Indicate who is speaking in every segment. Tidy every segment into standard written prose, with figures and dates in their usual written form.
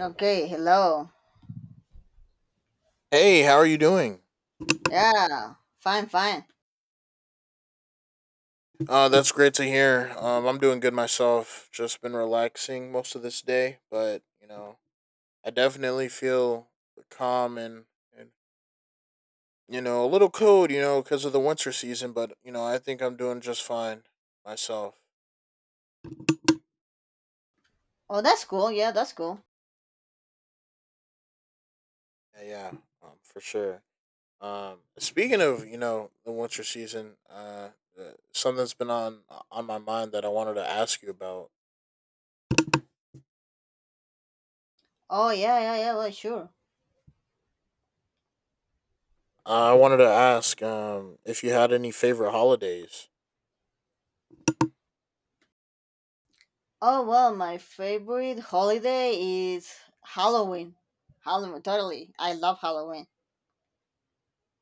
Speaker 1: Okay, hello.
Speaker 2: Hey, how are you doing?
Speaker 1: Yeah, fine, fine.
Speaker 2: That's great to hear. I'm doing good myself. Just been relaxing most of this day, but you know, I definitely feel calm and you know a little cold, you know, because of the winter season. But you know, I think I'm doing just fine myself.
Speaker 1: Oh, that's cool. Yeah, that's cool.
Speaker 2: Yeah, yeah, for sure. Speaking of you know the winter season, something's been on my mind that I wanted to ask you about.
Speaker 1: Oh, yeah, yeah, yeah, well, sure.
Speaker 2: I wanted to ask if you had any favorite holidays.
Speaker 1: Oh, well, my favorite holiday is Halloween. Halloween, totally. I love Halloween.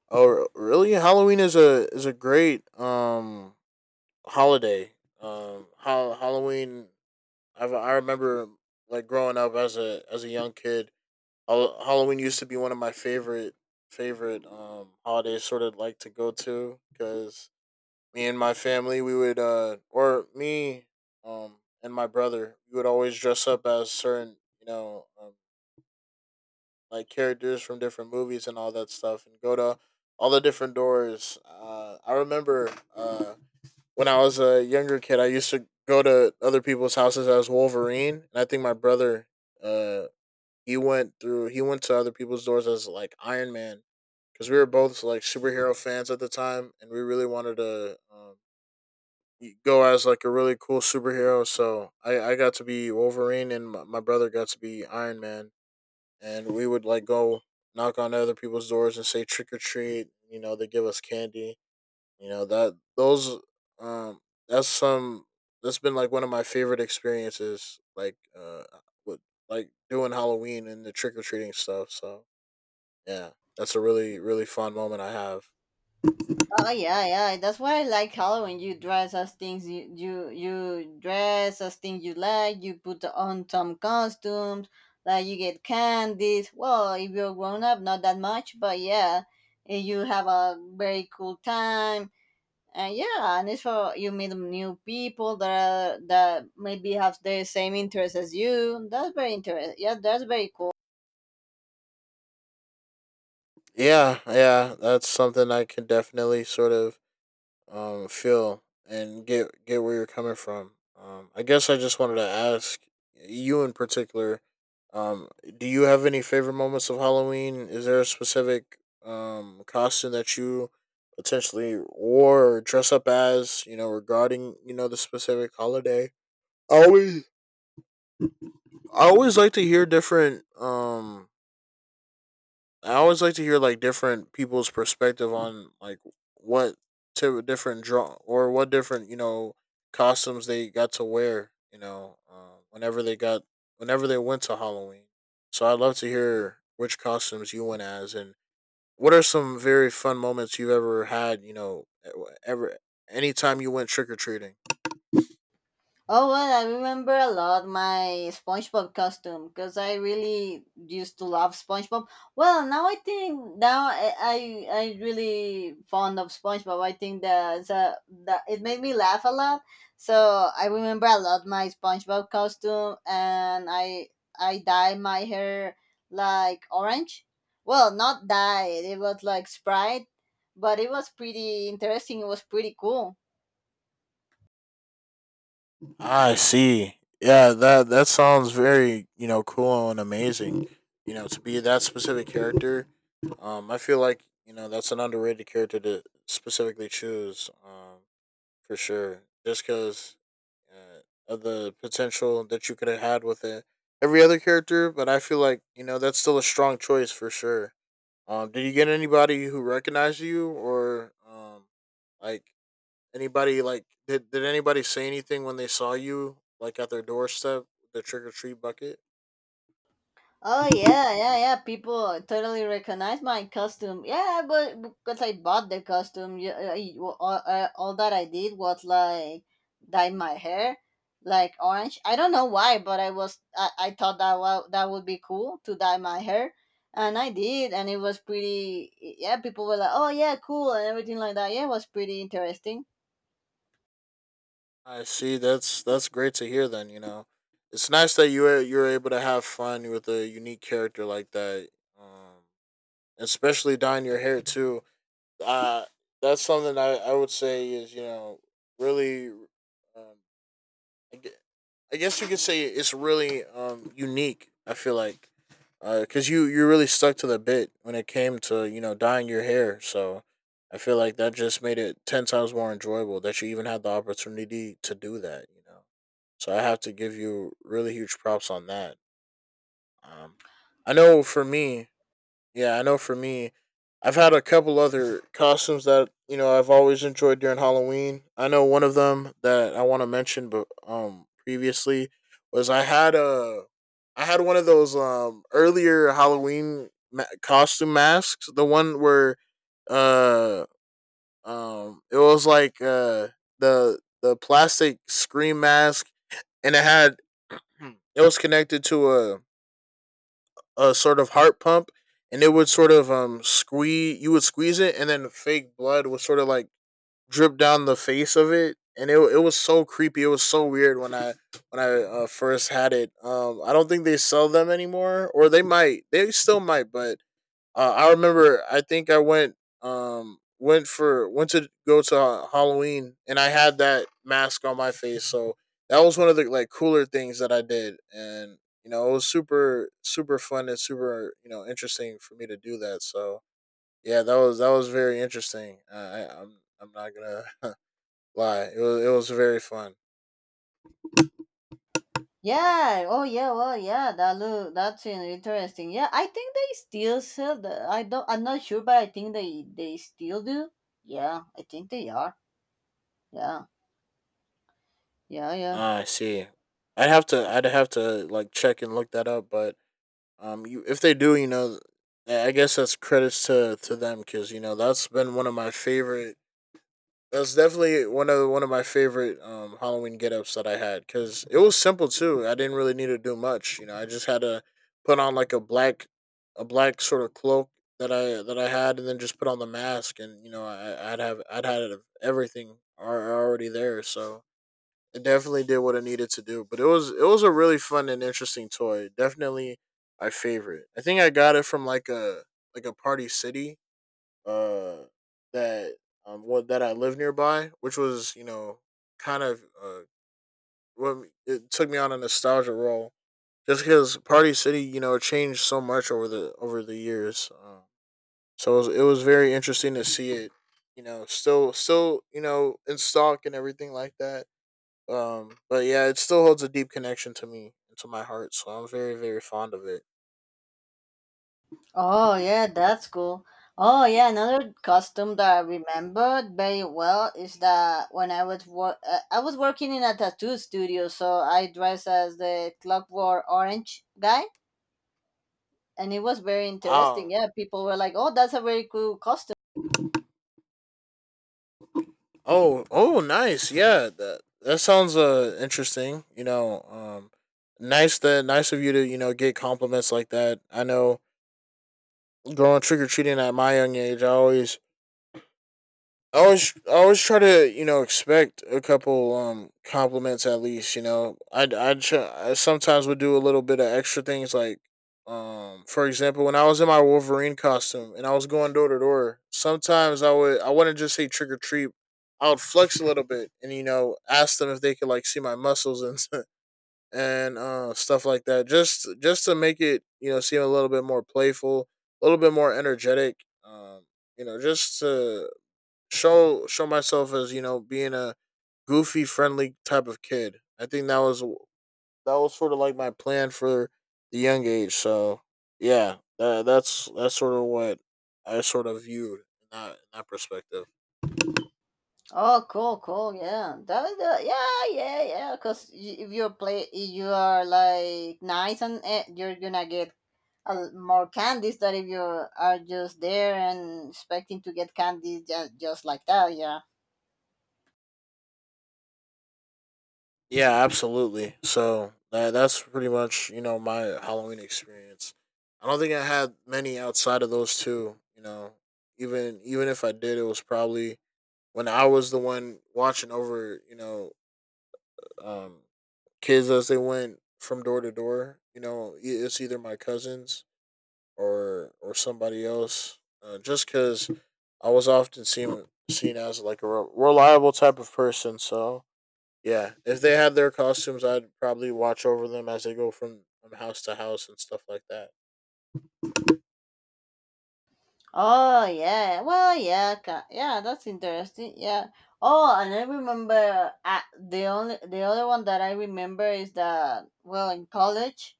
Speaker 2: Oh, really? Halloween is a great holiday. How Halloween. I remember like growing up as a young kid. Halloween used to be one of my favorite holidays. Sort of like to go to because me and my family we would or me um and my brother we would always dress up as certain you know like characters from different movies and all that stuff, and go to all the different doors. I remember when I was a younger kid, I used to go to other people's houses as Wolverine, and I think my brother, uh, he went to other people's doors as like Iron Man, because we were both like superhero fans at the time, and we really wanted to. Go as like a really cool superhero. So I got to be Wolverine, and my brother got to be Iron Man, and we would like go knock on other people's doors and say trick or treat. You know, they give us candy. You know that those um that's some that's been like one of my favorite experiences. Like with like doing Halloween and the trick or treating stuff. So yeah, that's a really really fun moment I have.
Speaker 1: Oh, yeah, yeah, that's why I like Halloween. You dress as things you dress as things you like, you put on some costumes, like you get candies. Well, if you're grown up, not that much, but yeah, you have a very cool time. Yeah, and it's for you meet new people that maybe have the same interests as you. That's very interesting. Yeah, that's very cool.
Speaker 2: Yeah, yeah, that's something I can definitely sort of feel and get where you're coming from. I guess I just wanted to ask you in particular. Um, do you have any favorite moments of Halloween? Is there a specific costume that you potentially wore or dress up as? You know, regarding you know the specific holiday. I always I always like to hear different I always like to hear like different people's perspective on like what to different draw or what different you know costumes they got to wear. You know, whenever they got whenever they went to Halloween. So I'd love to hear which costumes you went as and what are some very fun moments you've ever had. You know, ever anytime you went trick or treating.
Speaker 1: Oh well, I remember a lot my SpongeBob costume because I really used to love SpongeBob. Well, now I think now I really fond of SpongeBob. I think that the it made me laugh a lot. So I remember a lot my SpongeBob costume, and I dye my hair like orange. Well, not dye. It was like Sprite, but it was pretty interesting. It was pretty cool.
Speaker 2: I see. Yeah, that that sounds very you know cool and amazing. You know, to be that specific character, I feel like you know that's an underrated character to specifically choose, for sure. Just because uh, of the potential that you could have had with it, every other character, but I feel like you know that's still a strong choice for sure. Did you get anybody who recognized you or like anybody? Like did anybody say anything when they saw you like at their doorstep, with the trick or treat bucket?
Speaker 1: Oh yeah, yeah, yeah. People totally recognize my costume. Yeah, but because I bought the costume, yeah, all that I did was like dye my hair like orange. I don't know why, but I thought that would be cool to dye my hair, and I did, and it was pretty. Yeah, people were like, "Oh yeah, cool," and everything like that. Yeah, it was pretty interesting.
Speaker 2: I see. That's great to hear. Then you know, it's nice that you're able to have fun with a unique character like that. Um, especially dyeing your hair too. Uh, that's something I would say is you know really um, I guess you could say it's really unique. I feel like, because you you really stuck to the bit when it came to you know dyeing your hair. So I feel like that just made it ten times more enjoyable that you even had the opportunity to do that. You know, so I have to give you really huge props on that. Um, I know for me, yeah, I know for me, I've had a couple other costumes that, you know, I've always enjoyed during Halloween. I know one of them that I want to mention, but previously was I had a I had one of those earlier Halloween costume masks, the one where uh it was like the plastic scream mask, and it had it was connected to a sort of heart pump, and it would sort of squeeze. You would squeeze it, and then fake blood would sort of like drip down the face of it, and it it was so creepy. It was so weird when I first had it. I don't think they sell them anymore, or they might. They still might, but I remember. I think I went to go to Halloween, and I had that mask on my face. So that was one of the like cooler things that I did, and you know it was super super fun and super you know interesting for me to do that. So yeah, that was very interesting. I'm not gonna lie. It was very fun.
Speaker 1: Yeah. Oh, yeah. Well, yeah. That look. That's interesting. Yeah, I think they still sell the. I don't. I'm not sure, but I think they still do. Yeah, I think they are. Yeah. Yeah. Yeah.
Speaker 2: Ah, I see. I'd have to like check and look that up, but you, if they do, you know, I guess that's credits to them because you know that's been one of my favorite. That's definitely one of my favorite Halloween get-ups that I had because it was simple too. I didn't really need to do much. You know, I just had to put on like a black sort of cloak that I had, and then just put on the mask, and you know, I'd have I'd had everything already there. So it definitely did what it needed to do. But it was a really fun and interesting toy. Definitely my favorite. I think I got it from like a Party City uh that that I lived nearby, which was, you know, kind of what it took me on a nostalgia roll just because Party City, you know, changed so much over the years. So it was very interesting to see it, you know, still, you know, in stock and everything like that. But yeah, it still holds a deep connection to me and to my heart, so I'm very, very fond of it.
Speaker 1: Oh, yeah. That's cool. Oh, yeah. Another custom that I remembered very well is that when I was working in a tattoo studio, so I dressed as the Clockwork Orange guy, and it was very interesting.
Speaker 2: Oh,
Speaker 1: Yeah, people were like, "Oh, that's a very cool costume."
Speaker 2: oh, oh, nice. Yeah, that that sounds interesting. You know, nice that nice of you to you know get compliments like that. I know growing trick or treating at my young age, I always try to, you know, expect a couple compliments at least. You know, I sometimes would do a little bit of extra things, like, for example, when I was in my Wolverine costume and I was going door to door, sometimes I wouldn't just say trick or treat. I would flex a little bit and you know ask them if they could like see my muscles, and and stuff like that, just to make it you know seem a little bit more playful, a little bit more energetic. Um, you know, just to show myself as you know being a goofy, friendly type of kid. I think that was sort of like my plan for the young age. So yeah, that's sort of what I sort of viewed in that perspective.
Speaker 1: Oh, cool, cool. Yeah, that, yeah, yeah, yeah. Because if you play, if you are like nice and you're gonna get more candies than if you are just there and expecting to get candies just like that. Yeah.
Speaker 2: Yeah, absolutely. So that that's pretty much you know my Halloween experience. I don't think I had many outside of those two. You know, even even if I did, it was probably when I was the one watching over you know um kids as they went from door to door. You know, it's either my cousins or somebody else. Just because I was often seen as like a reliable type of person. So yeah, if they had their costumes, I'd probably watch over them as they go from house to house and stuff like that.
Speaker 1: Oh yeah. Well, yeah, yeah. That's interesting. Yeah. Oh, and I remember the other one that I remember is that, well, in college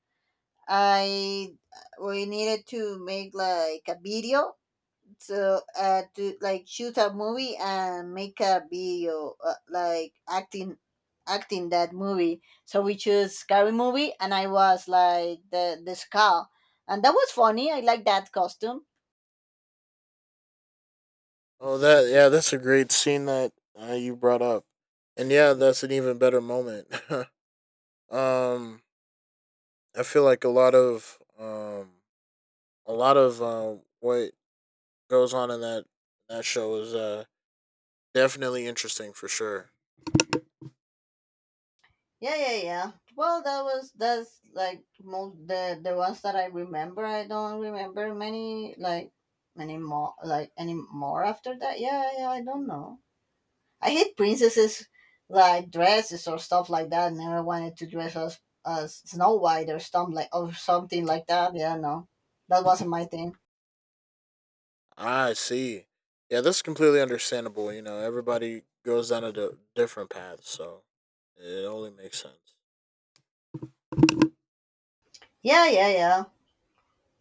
Speaker 1: I we needed to make like a video, so to like shoot a movie and make a video, like acting that movie. So we chose Scary Movie, and I was like the skull. And that was funny. I like that costume.
Speaker 2: Oh, that yeah, that's a great scene that you brought up, and yeah, that's an even better moment. um, I feel like a lot of what goes on in that show is definitely interesting for sure.
Speaker 1: Yeah, yeah, yeah. Well, that's like most the ones that I remember. I don't remember many, like many more, like any more after that. Yeah, yeah, I don't know. I hate princesses, like dresses or stuff like that. Never wanted to dress as Snow White, or some like or something like that. Yeah, no, that wasn't my thing.
Speaker 2: I see. Yeah, that's completely understandable. You know, everybody goes down a different path, so it only makes sense.
Speaker 1: Yeah, yeah, yeah,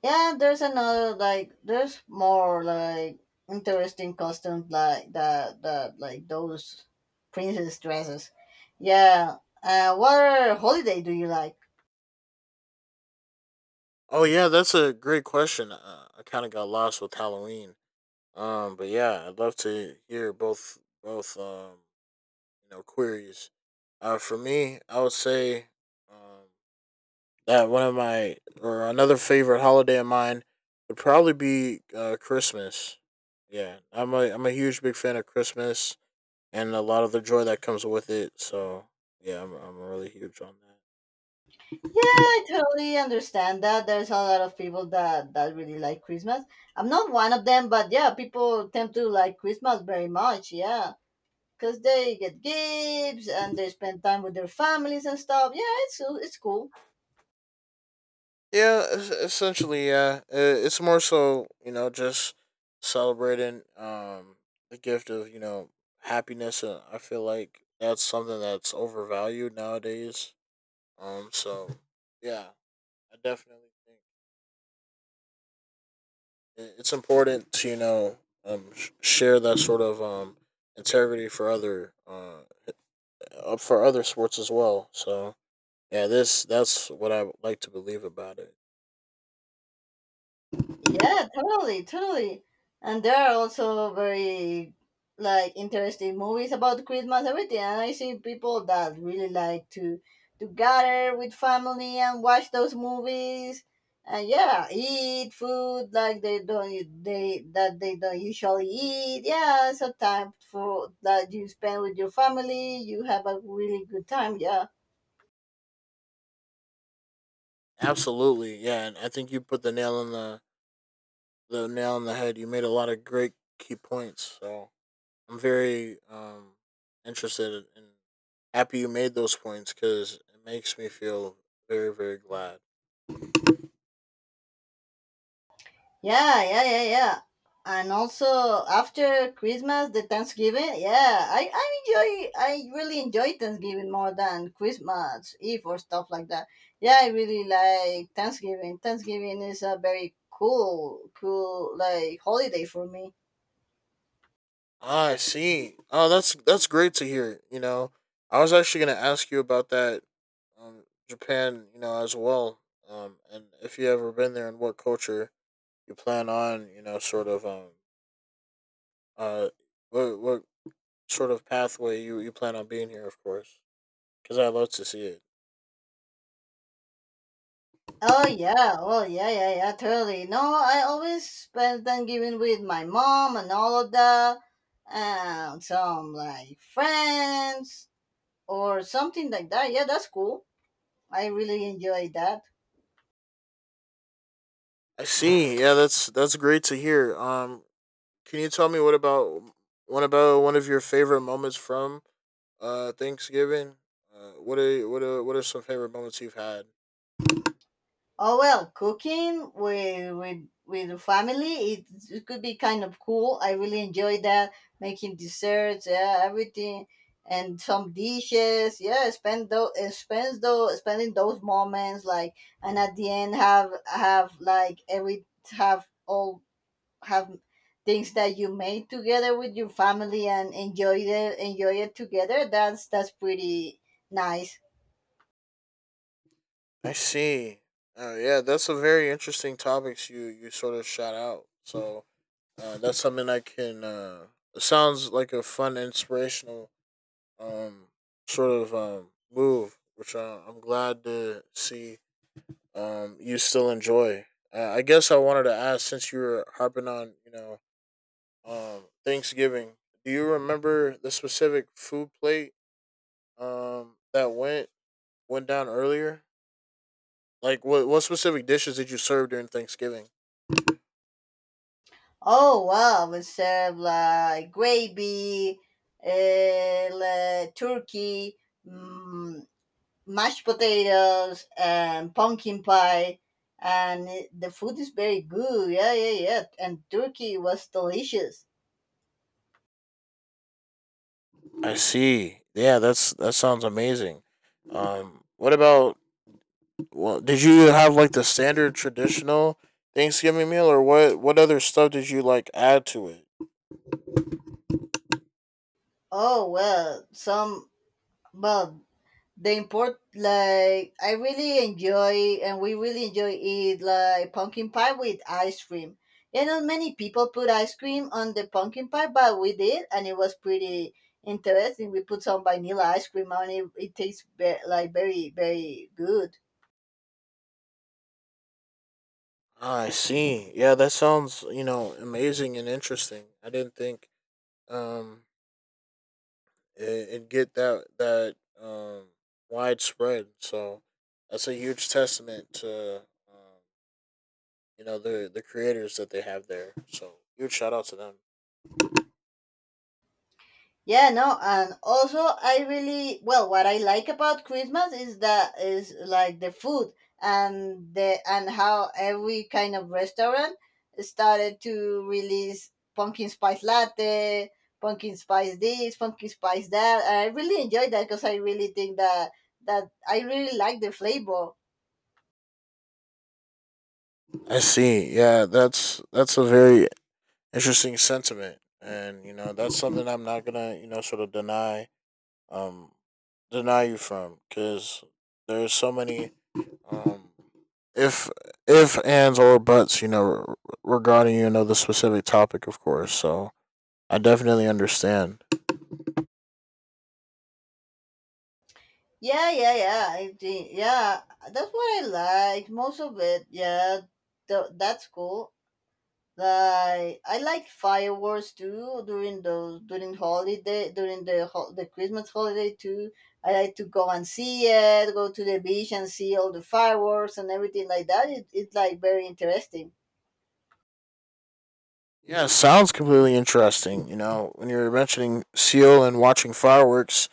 Speaker 1: yeah. There's more like interesting costumes like that like those princess dresses. Yeah. What other holiday do you like?
Speaker 2: Oh yeah, that's a great question. I kind of got lost with Halloween. But yeah, I'd love to hear both you know queries. For me, I would say um that one of my or another favorite holiday of mine would probably be Christmas. Yeah, I'm a huge big fan of Christmas and a lot of the joy that comes with it. So yeah, I'm really huge on that.
Speaker 1: Yeah, I totally understand that. There's a lot of people that really like Christmas. I'm not one of them, but yeah, people tend to like Christmas very much. Yeah, because they get gifts and they spend time with their families and stuff. Yeah, it's cool.
Speaker 2: Yeah, essentially, yeah. It's more so just celebrating the gift of happiness. And I feel like that's something that's overvalued nowadays. So yeah, I definitely think it's important to share that sort of integrity for other up for other sports as well. So yeah, this that's what I would like to believe about it.
Speaker 1: Yeah, totally, totally. And there are also very like interesting movies about Christmas everything. And I see people that really like to gather with family and watch those movies. And yeah, eat food like they don't they that they don't usually eat. Yeah, it's a time for that you spend with your family. You have a really good time. Yeah.
Speaker 2: Absolutely, yeah, and I think you put the nail in the head. You made a lot of great key points. So I'm very interested and happy you made those points because it makes me feel very very glad.
Speaker 1: Yeah, yeah, yeah, yeah. And also after Christmas, the Thanksgiving. Yeah, I enjoy. I really enjoy Thanksgiving more than Christmas Eve or stuff like that. Yeah, I really like Thanksgiving. Thanksgiving is a very cool, cool like holiday for me.
Speaker 2: Ah, I see. Oh, that's great to hear. You know, I was actually gonna ask you about that, Japan. You know, as well. And if you ever been there, and what culture you plan on, you know, sort of uh, what sort of pathway you plan on being here, of course, because I love to see it.
Speaker 1: Oh yeah, oh yeah, yeah, yeah, totally. No, I always spend Thanksgiving with my mom and all of that, and some like friends or something like that. Yeah, that's cool. I really enjoy that.
Speaker 2: I see. Yeah, that's great to hear. Can you tell me what about one of your favorite moments from Thanksgiving? What are some favorite moments you've had?
Speaker 1: Oh well, cooking with with the family, it could be kind of cool. I really enjoy that, making desserts, yeah, everything, and some dishes. Yeah, spending those moments like, and at the end have like every have all have things that you made together with your family and enjoy it together. That's pretty nice.
Speaker 2: I see. Yeah, that's a very interesting topics you sort of shot out. So that's something I can. It sounds like a fun, inspirational um sort of move, which I'm glad to see you still enjoy. I guess I wanted to ask since you were harping on Thanksgiving. Do you remember the specific food plate that went went down earlier? Like what specific dishes did you serve during Thanksgiving?
Speaker 1: Oh wow, we serve like gravy, like turkey, mm, mashed potatoes, and pumpkin pie, and the food is very good. Yeah, yeah, yeah. And turkey was delicious.
Speaker 2: I see. Yeah, that sounds amazing. What about? Well, did you have like the standard traditional Thanksgiving meal, or what? What other stuff did you like add to it?
Speaker 1: Oh well, some well the import like I really enjoy, and we really enjoy eat like pumpkin pie with ice cream. You know, many people put ice cream on the pumpkin pie, but we did, and it was pretty interesting. We put some vanilla ice cream on it. It tastes like very, very good.
Speaker 2: Ah, I see. Yeah, that sounds you know amazing and interesting. I didn't think um it'd get that um widespread. So that's a huge testament to um, you know the creators that they have there. So huge shout out to them.
Speaker 1: Yeah, no, and also I really, well, what I like about Christmas is that is like the food, and the and how every kind of restaurant started to release pumpkin spice latte, pumpkin spice this, pumpkin spice that. And I really enjoyed that because I really think that I really like the flavor.
Speaker 2: I see. Yeah, that's a very interesting sentiment, and you know that's something I'm not gonna you know sort of deny um deny you from because there's so many um if if ands or buts you know regarding you know the specific topic of course. So I definitely understand.
Speaker 1: Yeah, yeah, yeah. I think, yeah, that's what I like most of it. Yeah, that's cool. Like I like fireworks too during those during holiday the Christmas holiday too. I like to go and see it, go to the beach and see all the fireworks and everything like that. It's like very interesting.
Speaker 2: Yeah, sounds completely interesting. You know, when you're mentioning Seal and watching fireworks,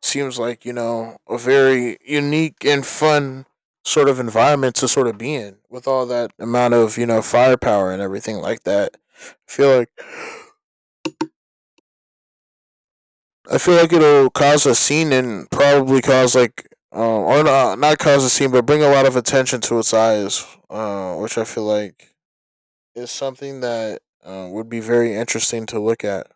Speaker 2: seems like, you know, a very unique and fun sort of environment to sort of be in with all that amount of, you know, firepower and everything like that. I feel like it'll cause a scene and probably cause like or not, not cause a scene, but bring a lot of attention to its eyes, which I feel like is something that would be very interesting to look at.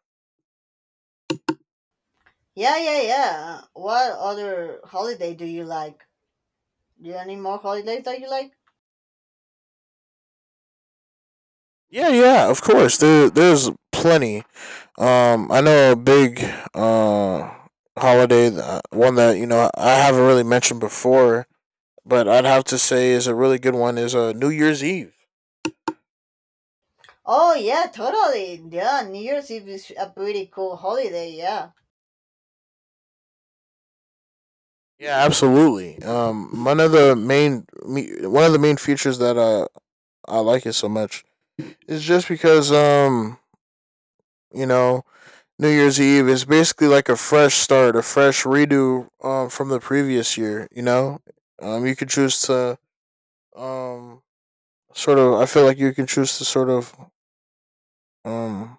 Speaker 1: Yeah, yeah, yeah. What other holiday do you like? Do you have any more holidays that you like?
Speaker 2: Yeah, yeah, of course. There's plenty. I know a big uh holiday, that, one that you know I haven't really mentioned before, but I'd have to say is a really good one is New Year's Eve.
Speaker 1: Oh yeah, totally. Yeah, New Year's Eve is a pretty cool holiday. Yeah.
Speaker 2: Yeah, absolutely. One of the main features that I like it so much is just because you know New Year's Eve is basically like a fresh start, a fresh redo from the previous year. You know, you could choose to um sort of I feel like you can choose to sort of um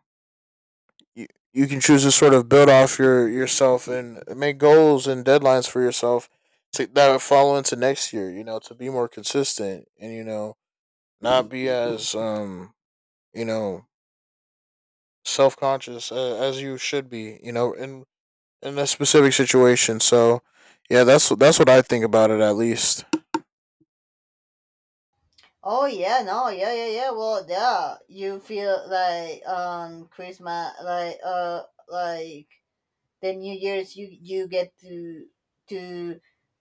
Speaker 2: you, you can choose to sort of build off yourself and make goals and deadlines for yourself that follow into next year you know to be more consistent and you know not be as you know self-conscious as you should be you know and in that specific situation. So, yeah, that's what I think about it at least.
Speaker 1: Oh yeah, no, yeah, yeah, yeah. Well, yeah, you feel like on Christmas, like the New Year's, you get to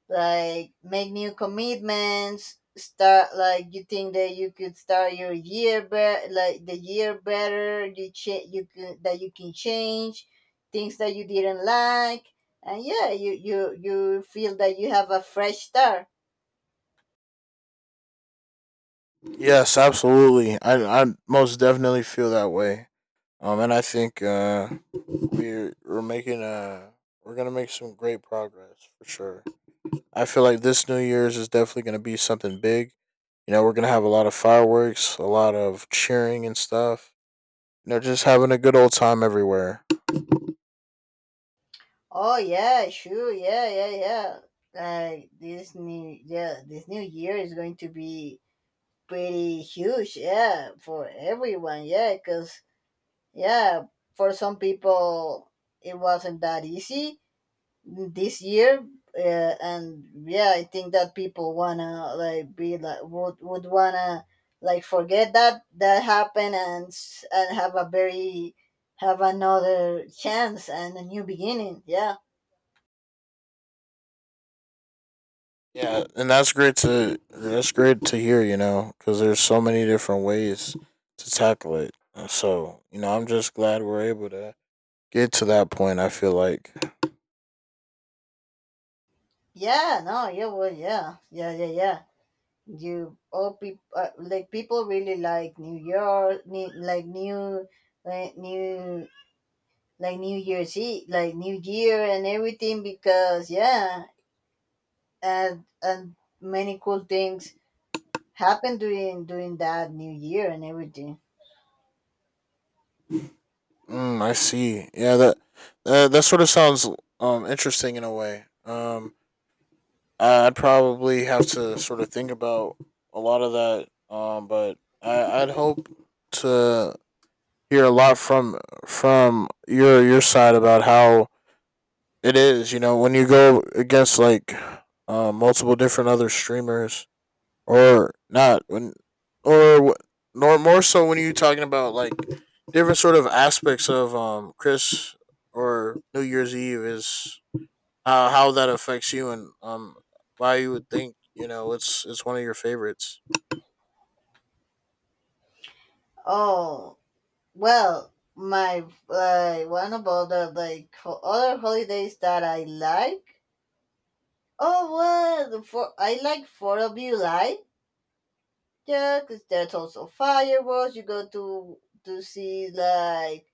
Speaker 1: like make new commitments. Start like you think that you could start your year better, like the year better. You you can that you can change things that you didn't like, and yeah, you feel that you have a fresh start.
Speaker 2: Yes, absolutely. I most definitely feel that way. And I think we're making we're gonna make some great progress for sure. I feel like this New Year's is definitely going to be something big. You know, we're going to have a lot of fireworks, a lot of cheering and stuff. You know, just having a good old time everywhere.
Speaker 1: Oh yeah, sure, yeah, yeah, yeah. Like this new year is going to be pretty huge, yeah, for everyone, yeah, because yeah, for some people it wasn't that easy this year, and yeah, I think that people wanna like be like would wanna like forget that that happened and and have another chance and a new beginning, yeah.
Speaker 2: Yeah, and that's great to hear. You know, because there's so many different ways to tackle it. And so you know, I'm just glad we're able to get to that point. I feel like,
Speaker 1: Yeah, no, yeah, well, yeah, yeah, yeah, yeah. You all people, like people really like New York, new, like new, like new, like New Year's Eve, like New Year and everything, because yeah, and many cool things happen during that New Year and everything.
Speaker 2: mm, I see. Yeah, that that sort of sounds interesting in a way. I'd probably have to sort of think about a lot of that. But I'd hope to hear a lot from your side about how it is. You know, when you go against like multiple different other streamers, or not when, or nor more so when you are talking about like different sort of aspects of Chris or New Year's Eve is how that affects you and why you would think you know it's one of your favorites.
Speaker 1: Oh well, my one of other other holidays that I like. Oh well, the four I like Fourth of July. Yeah, 'cause there's also fireworks. You go to see like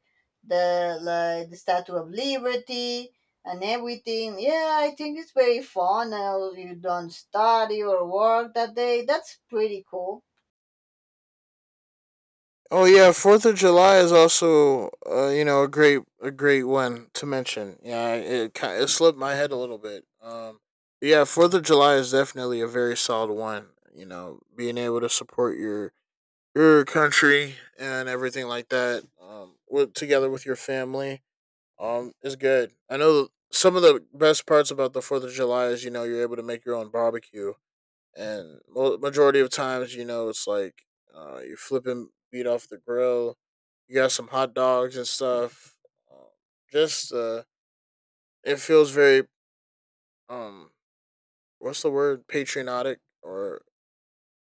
Speaker 1: the Statue of Liberty and everything. Yeah, I think it's very fun. And also you don't study or work that day. That's pretty cool.
Speaker 2: Oh yeah, Fourth of July is also you know a great one to mention. Yeah, it slipped my head a little bit. Yeah, Fourth of July is definitely a very solid one. You know, being able to support your country and everything like that, together with your family, is good. I know some of the best parts about the Fourth of July is you know you're able to make your own barbecue and majority of times, you know, it's like you're flipping meat off the grill. You got some hot dogs and stuff. Um, just It feels very um, what's the word? Patriotic or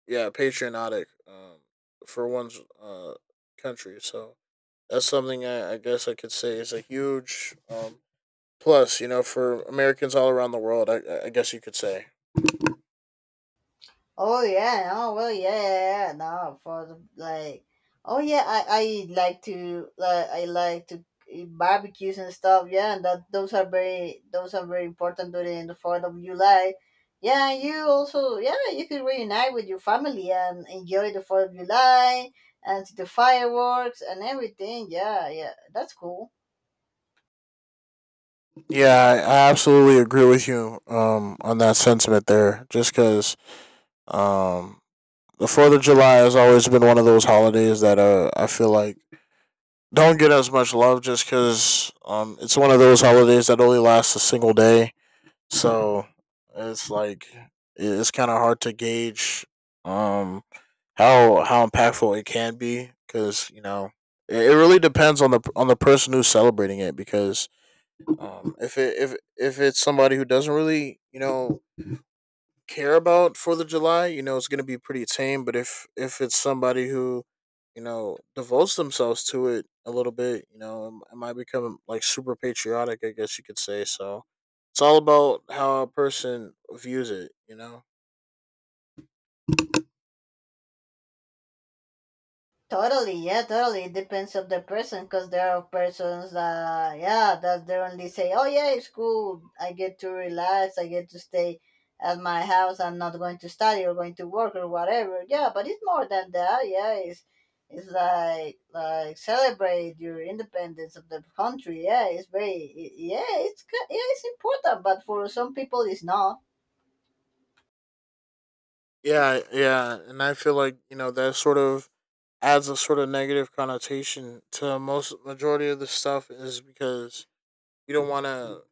Speaker 2: yeah, patriotic for one's country. So that's something I guess I could say is a huge plus, you know, for Americans all around the world. I guess you could say.
Speaker 1: Oh yeah, oh well, yeah, yeah, yeah, yeah, no, oh yeah, I like to eat barbecues and stuff. Yeah, and that those are very important during the Fourth of July. Yeah, and you also, yeah, you could reunite with your family and enjoy the Fourth of July and see the fireworks and everything. Yeah, yeah, that's cool.
Speaker 2: Yeah, I absolutely agree with you on that sentiment there. Just because um, the Fourth of July has always been one of those holidays that I feel like don't get as much love, just because it's one of those holidays that only lasts a single day. So it's like it's kind of hard to gauge um, how impactful it can be, because you know it really depends on the person who's celebrating it, because if it's somebody who doesn't really you know care about Fourth of July, you know it's gonna be pretty tame. But if it's somebody who you know devotes themselves to it a little bit, you know it might become like super patriotic. I guess you could say so. It's all about how a person views it. You know.
Speaker 1: Totally, yeah, totally. It depends of the person because there are persons that, yeah, that they only say, oh, yeah, it's cool. I get to relax. I get to stay at my house. I'm not going to study or going to work or whatever. Yeah, but it's more than that. Yeah, it's like, celebrate your independence of the country. Yeah, it's very, yeah, it's, yeah, it's important, but for some people, it's not.
Speaker 2: Yeah, yeah, and I feel like you know that sort of adds a sort of negative connotation to most majority of the stuff is because we don't want to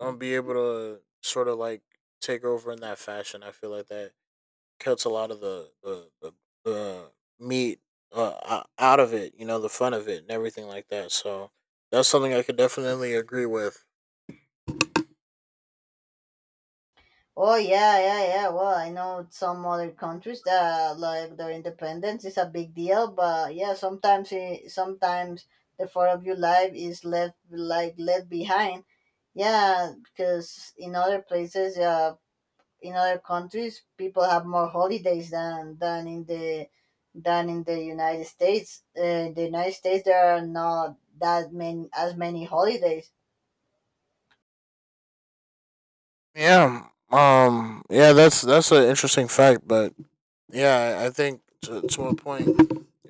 Speaker 2: be able to sort of like take over in that fashion. I feel like that cuts a lot of the meat out of it. You know, the fun of it and everything like that. So that's something I could definitely agree with.
Speaker 1: Oh yeah, yeah, yeah. Well, I know some other countries that like their independence is a big deal, but yeah, sometimes the Fourth of your life is left, like left behind. Yeah, because in other places, in other countries, people have more holidays than in the United States. In the United States, there are not that many as many holidays.
Speaker 2: Yeah. Yeah. That's an interesting fact, but yeah, I think to a point.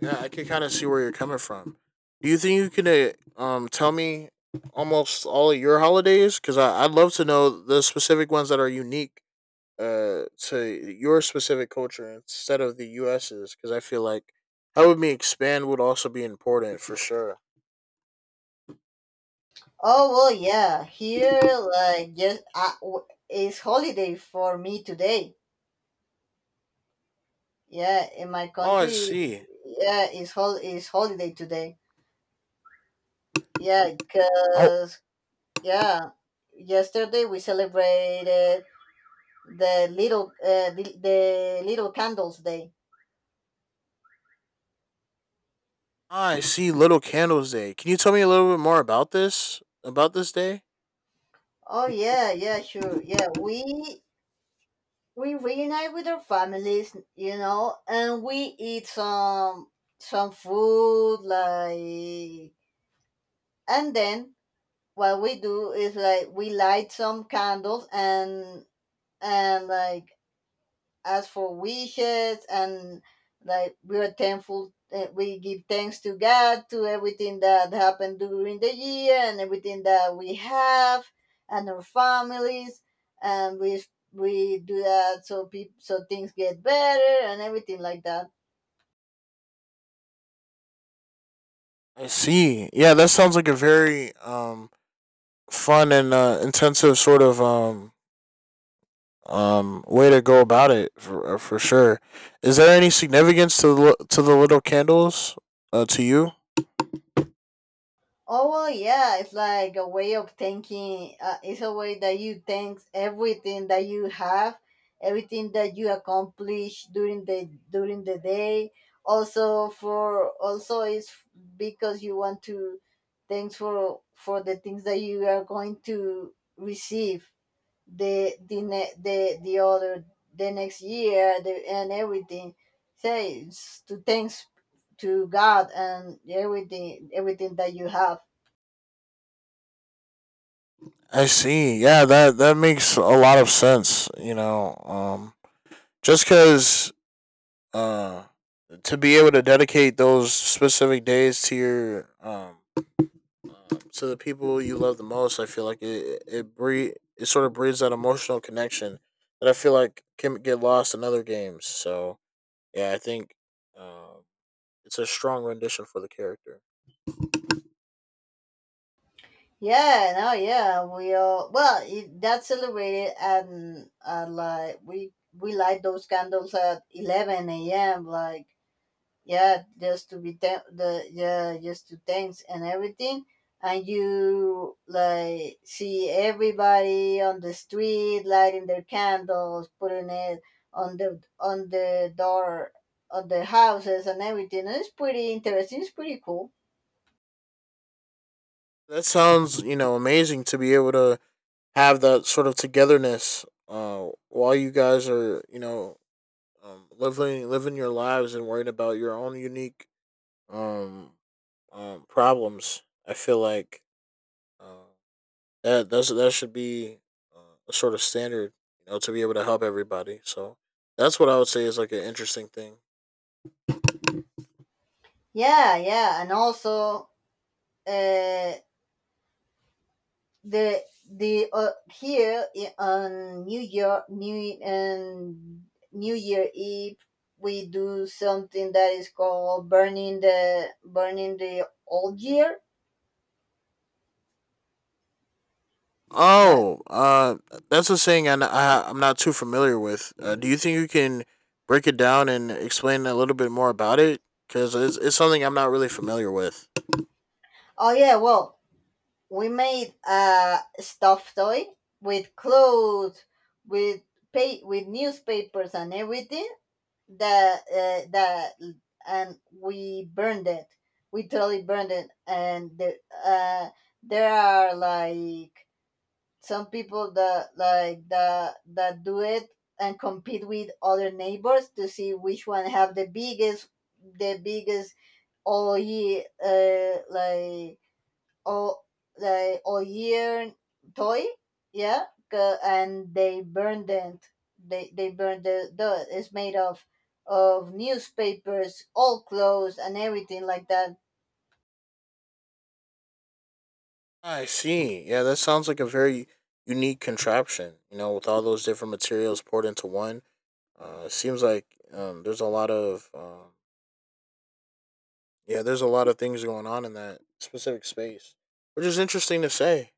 Speaker 2: Yeah, I can kind of see where you're coming from. Do you think you can tell me almost all of your holidays? Because I'd love to know the specific ones that are unique to your specific culture instead of the U.S.'s. Because I feel like helping me expand would also be important for sure.
Speaker 1: Oh well, yeah. Here, like, just it's holiday for me today. Yeah, in my
Speaker 2: Oh, I
Speaker 1: country,
Speaker 2: see.
Speaker 1: yeah, it's holiday today. Yeah,
Speaker 2: Oh,
Speaker 1: cause yeah, yesterday we celebrated the little the little candles day.
Speaker 2: I see. Little Candles Day. Can you tell me a little bit more about this? About this day?
Speaker 1: Oh yeah, yeah, sure. Yeah, we reunite with our families, and we eat some food like and then what we do is like we light some candles and like ask for wishes and like we are thankful, we give thanks to god to everything that happened during the year and everything that we have and our families and we do that so people so things get better and everything like that.
Speaker 2: I see. Yeah, that sounds like a very fun and intensive sort of way to go about it for sure. Is there any significance to to the little candles to you?
Speaker 1: Oh well, yeah, it's like a way of thinking. It's a way that you thank everything that you have, everything that you accomplish during the day. Also for also it's because you want to thanks for the things that you are going to receive the the other the next year the, and everything. Say it's to thanks to God and everything that you have.
Speaker 2: I see. Yeah, that that makes a lot of sense. You know, just because uh, to be able to dedicate those specific days to your to the people you love the most, I feel like it it sort of breeds that emotional connection that I feel like can get lost in other games. So yeah, I think um, it's a strong rendition for the character.
Speaker 1: Yeah, no, yeah, we all well it, that's celebrated, and like we light those candles at 11 a.m. Like yeah, just to be thank the, yeah, just to thanks and everything, and you like see everybody on the street lighting their candles, putting it on the door on the houses and everything. And it's pretty interesting. It's pretty cool.
Speaker 2: That sounds, you know, amazing to be able to have that sort of togetherness while you guys are, you know, living your lives and worrying about your own unique um, problems. I feel like uh, that should be uh, a sort of standard, you know, to be able to help everybody. So that's what I would say is like an interesting thing.
Speaker 1: Yeah, yeah, and also. Uh, the the Here on New Year Eve we do something that is called burning the old year. Like,
Speaker 2: Oh, that's a saying I'm not too familiar with. Do you think you can break it down and explain a little bit more about it? Because it's something I'm not really familiar with.
Speaker 1: oh yeah, well we made a stuffed toy with clothes, with pay with newspapers and everything that and we burned it, we totally burned it. And the, uh there are like some people that like that do it and compete with other neighbors to see which one have the biggest oil, like, or the or year toy, yeah, and they burned it. They burned the it's made of newspapers all clothes and everything like that.
Speaker 2: I see. Yeah, that sounds like a very unique contraption, you know, with all those different materials poured into one. It seems like there's a lot of, yeah, there's a lot of things going on in that specific space, which is interesting to say.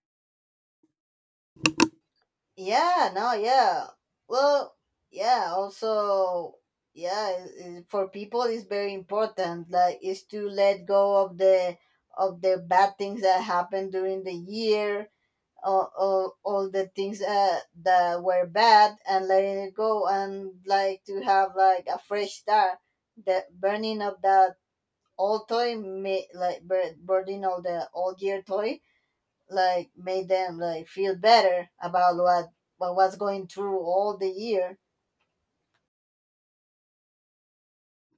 Speaker 1: Yeah no yeah well yeah also yeah I- For people it's very important, like, is to let go of the bad things that happen during the year, all the things, that were bad, and letting it go and like to have like a fresh start. The burning of that old toy made like burning all the old year toy like made them like feel better about what was going through all the year.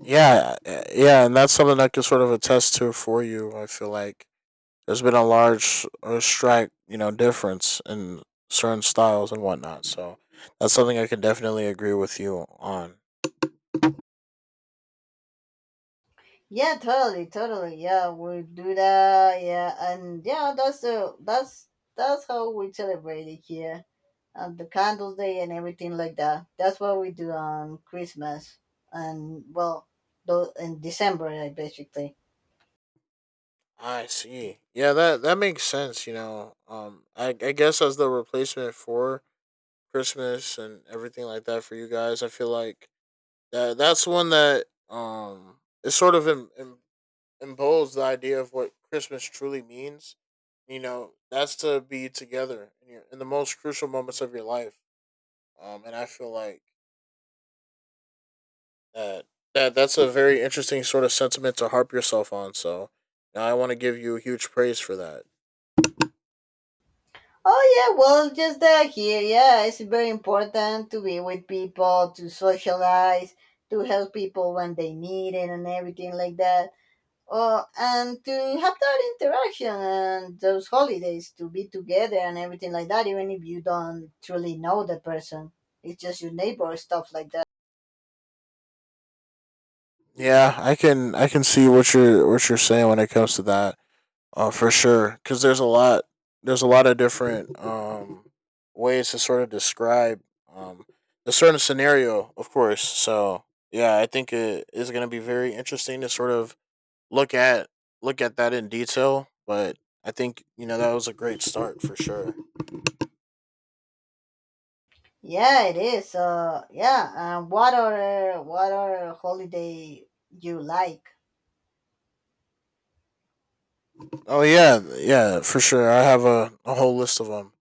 Speaker 2: Yeah, and that's something I can sort of attest to for you, I feel like. There's been a large strike, you know, difference in certain styles and whatnot. So that's something I can definitely agree with you on.
Speaker 1: Yeah, totally, totally. Yeah, we do that. Yeah, and yeah, that's the that's how we celebrate it here, and the candles day and everything like that. That's what we do on Christmas and well, though in December, like, basically.
Speaker 2: I see. Yeah, that that makes sense. You know, I guess as the replacement for Christmas and everything like that for you guys, I feel like that that's one that it sort of imposed the idea of what Christmas truly means. You know, that's to be together in your in the most crucial moments of your life. And I feel like That, that that's a very interesting sort of sentiment to harp yourself on. So I want to give you huge praise for that.
Speaker 1: Oh yeah, well, just that here. Yeah, it's very important to be with people, to socialize, to help people when they need it, and everything like that. Oh, and to have that interaction and those holidays to be together and everything like that, even if you don't truly know the person, it's just your neighbor stuff like that.
Speaker 2: Yeah, I can see what you're saying when it comes to that. For sure, because there's a lot of different ways to sort of describe um a certain scenario, of course. So yeah, I think it is going to be very interesting to sort of look at look at that in detail. But I think you know that was a great start for sure.
Speaker 1: Yeah, it is. Yeah. And what are holiday you like?
Speaker 2: Oh yeah, yeah, for sure. I have a whole list of them.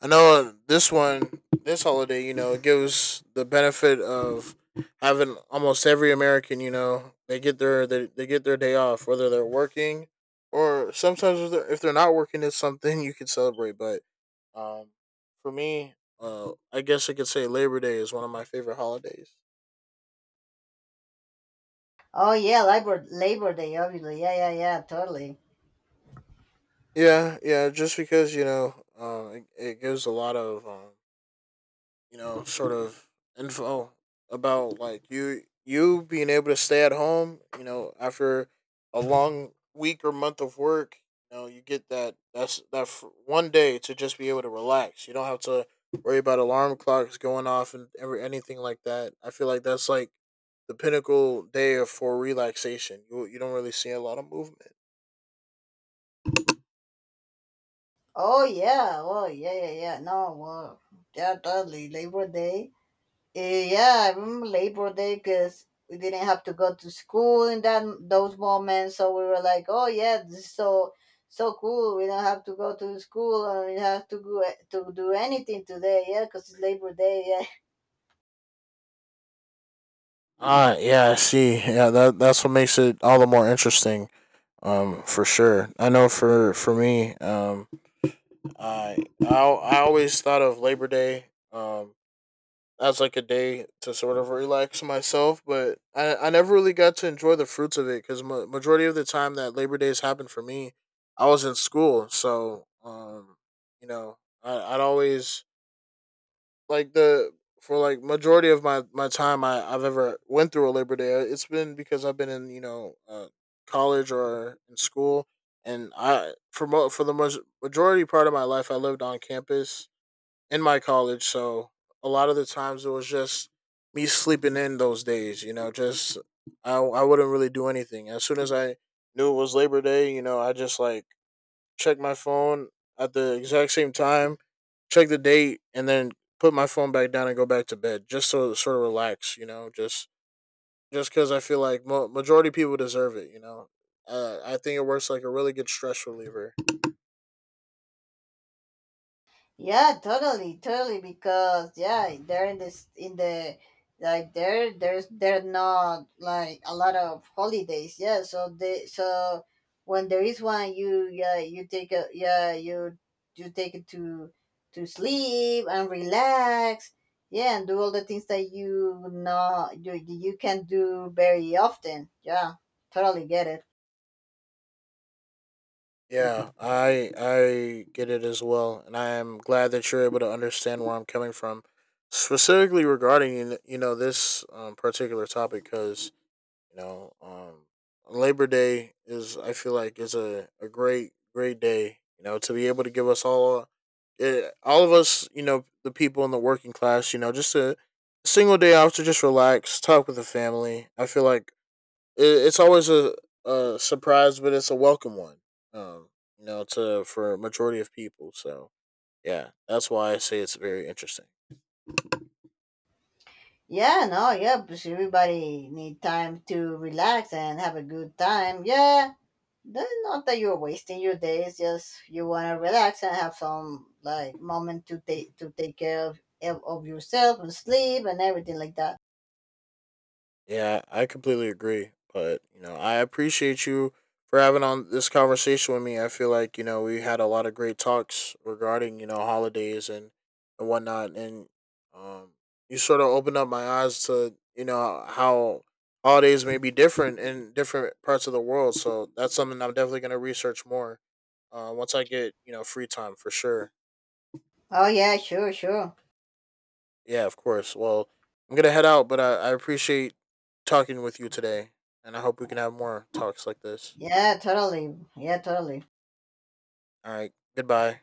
Speaker 2: I know this holiday, you know, it gives the benefit of having almost every American. You know, they get their day off, whether they're working or sometimes if they're not working, it's something you can celebrate. But um, for me, I guess I could say Labor Day is one of my favorite holidays.
Speaker 1: Oh yeah, Labor Day, obviously. Yeah, yeah, yeah, totally.
Speaker 2: Yeah, yeah, just because you know, it gives a lot of you know, sort of info about like you being able to stay at home, you know, after a long week or month of work, you know, you get that one day to just be able to relax. You don't have to worry about alarm clocks going off and every anything like that. I feel like that's like the pinnacle day for relaxation. You don't really see a lot of movement.
Speaker 1: Oh yeah, oh yeah, yeah, yeah. No, well, yeah, totally. Labor Day. Eh, yeah, I remember Labor Day because we didn't have to go to school in that those moments, so we were like, "Oh yeah, this is so so cool. We don't have to go to school and we have to go to do anything today, yeah, because it's Labor Day." Yeah.
Speaker 2: Ah, yeah, I see. Yeah, that that's what makes it all the more interesting. Um, for sure, I know for me, i I always thought of Labor Day um as like a day to sort of relax myself, but I never really got to enjoy the fruits of it because majority of the time that Labor Days happened for me, I was in school. So you know, I'd always like the for like majority of my my time I I've ever went through a Labor Day, it's been because I've been in you know college or in school, and I for for the most majority part of my life I lived on campus in my college, so a lot of the times it was just me sleeping in those days. You know, just I wouldn't really do anything. As soon as I knew it was Labor Day, you know, I just like check my phone at the exact same time, check the date, and then put my phone back down and go back to bed just to sort of relax, you know, just because I feel like majority of people deserve it, you know. I think it works like a really good stress reliever.
Speaker 1: Yeah, totally, totally. Because yeah, they're in this in the like there there's there not like a lot of holidays. Yeah, so they, so when there is one, you you take it to sleep and relax. Yeah, and do all the things that you not you you can do very often. Yeah, totally get it.
Speaker 2: Yeah, I get it as well, and I am glad that you're able to understand where I'm coming from, specifically regarding you know this particular topic. Because you know, Labor Day is I feel like is a great great day. You know, to be able to give us all, all of us, you know, the people in the working class, you know, just a single day off to just relax, talk with the family. I feel like it's always a surprise, but it's a welcome one. Um, you know, to for a majority of people. So yeah, that's why I say it's very interesting.
Speaker 1: Yeah, no, yeah, because everybody need time to relax and have a good time. Yeah. That's not that you're wasting your day. It's just you want to relax and have some like moment to take care of yourself and sleep and everything like that.
Speaker 2: Yeah, I completely agree. But, you know, I appreciate you for having on this conversation with me. I feel like, you know, we had a lot of great talks regarding, you know, holidays and whatnot. And um, you sort of opened up my eyes to, you know, how holidays may be different in different parts of the world. So that's something I'm definitely going to research more once I get, you know, free time for sure.
Speaker 1: Oh yeah, sure, sure.
Speaker 2: Yeah, of course. Well, I'm gonna head out, but I appreciate talking with you today, and I hope we can have more talks like this.
Speaker 1: Yeah, totally. Yeah, totally.
Speaker 2: All right, goodbye.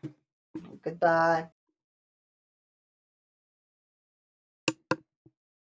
Speaker 1: Goodbye.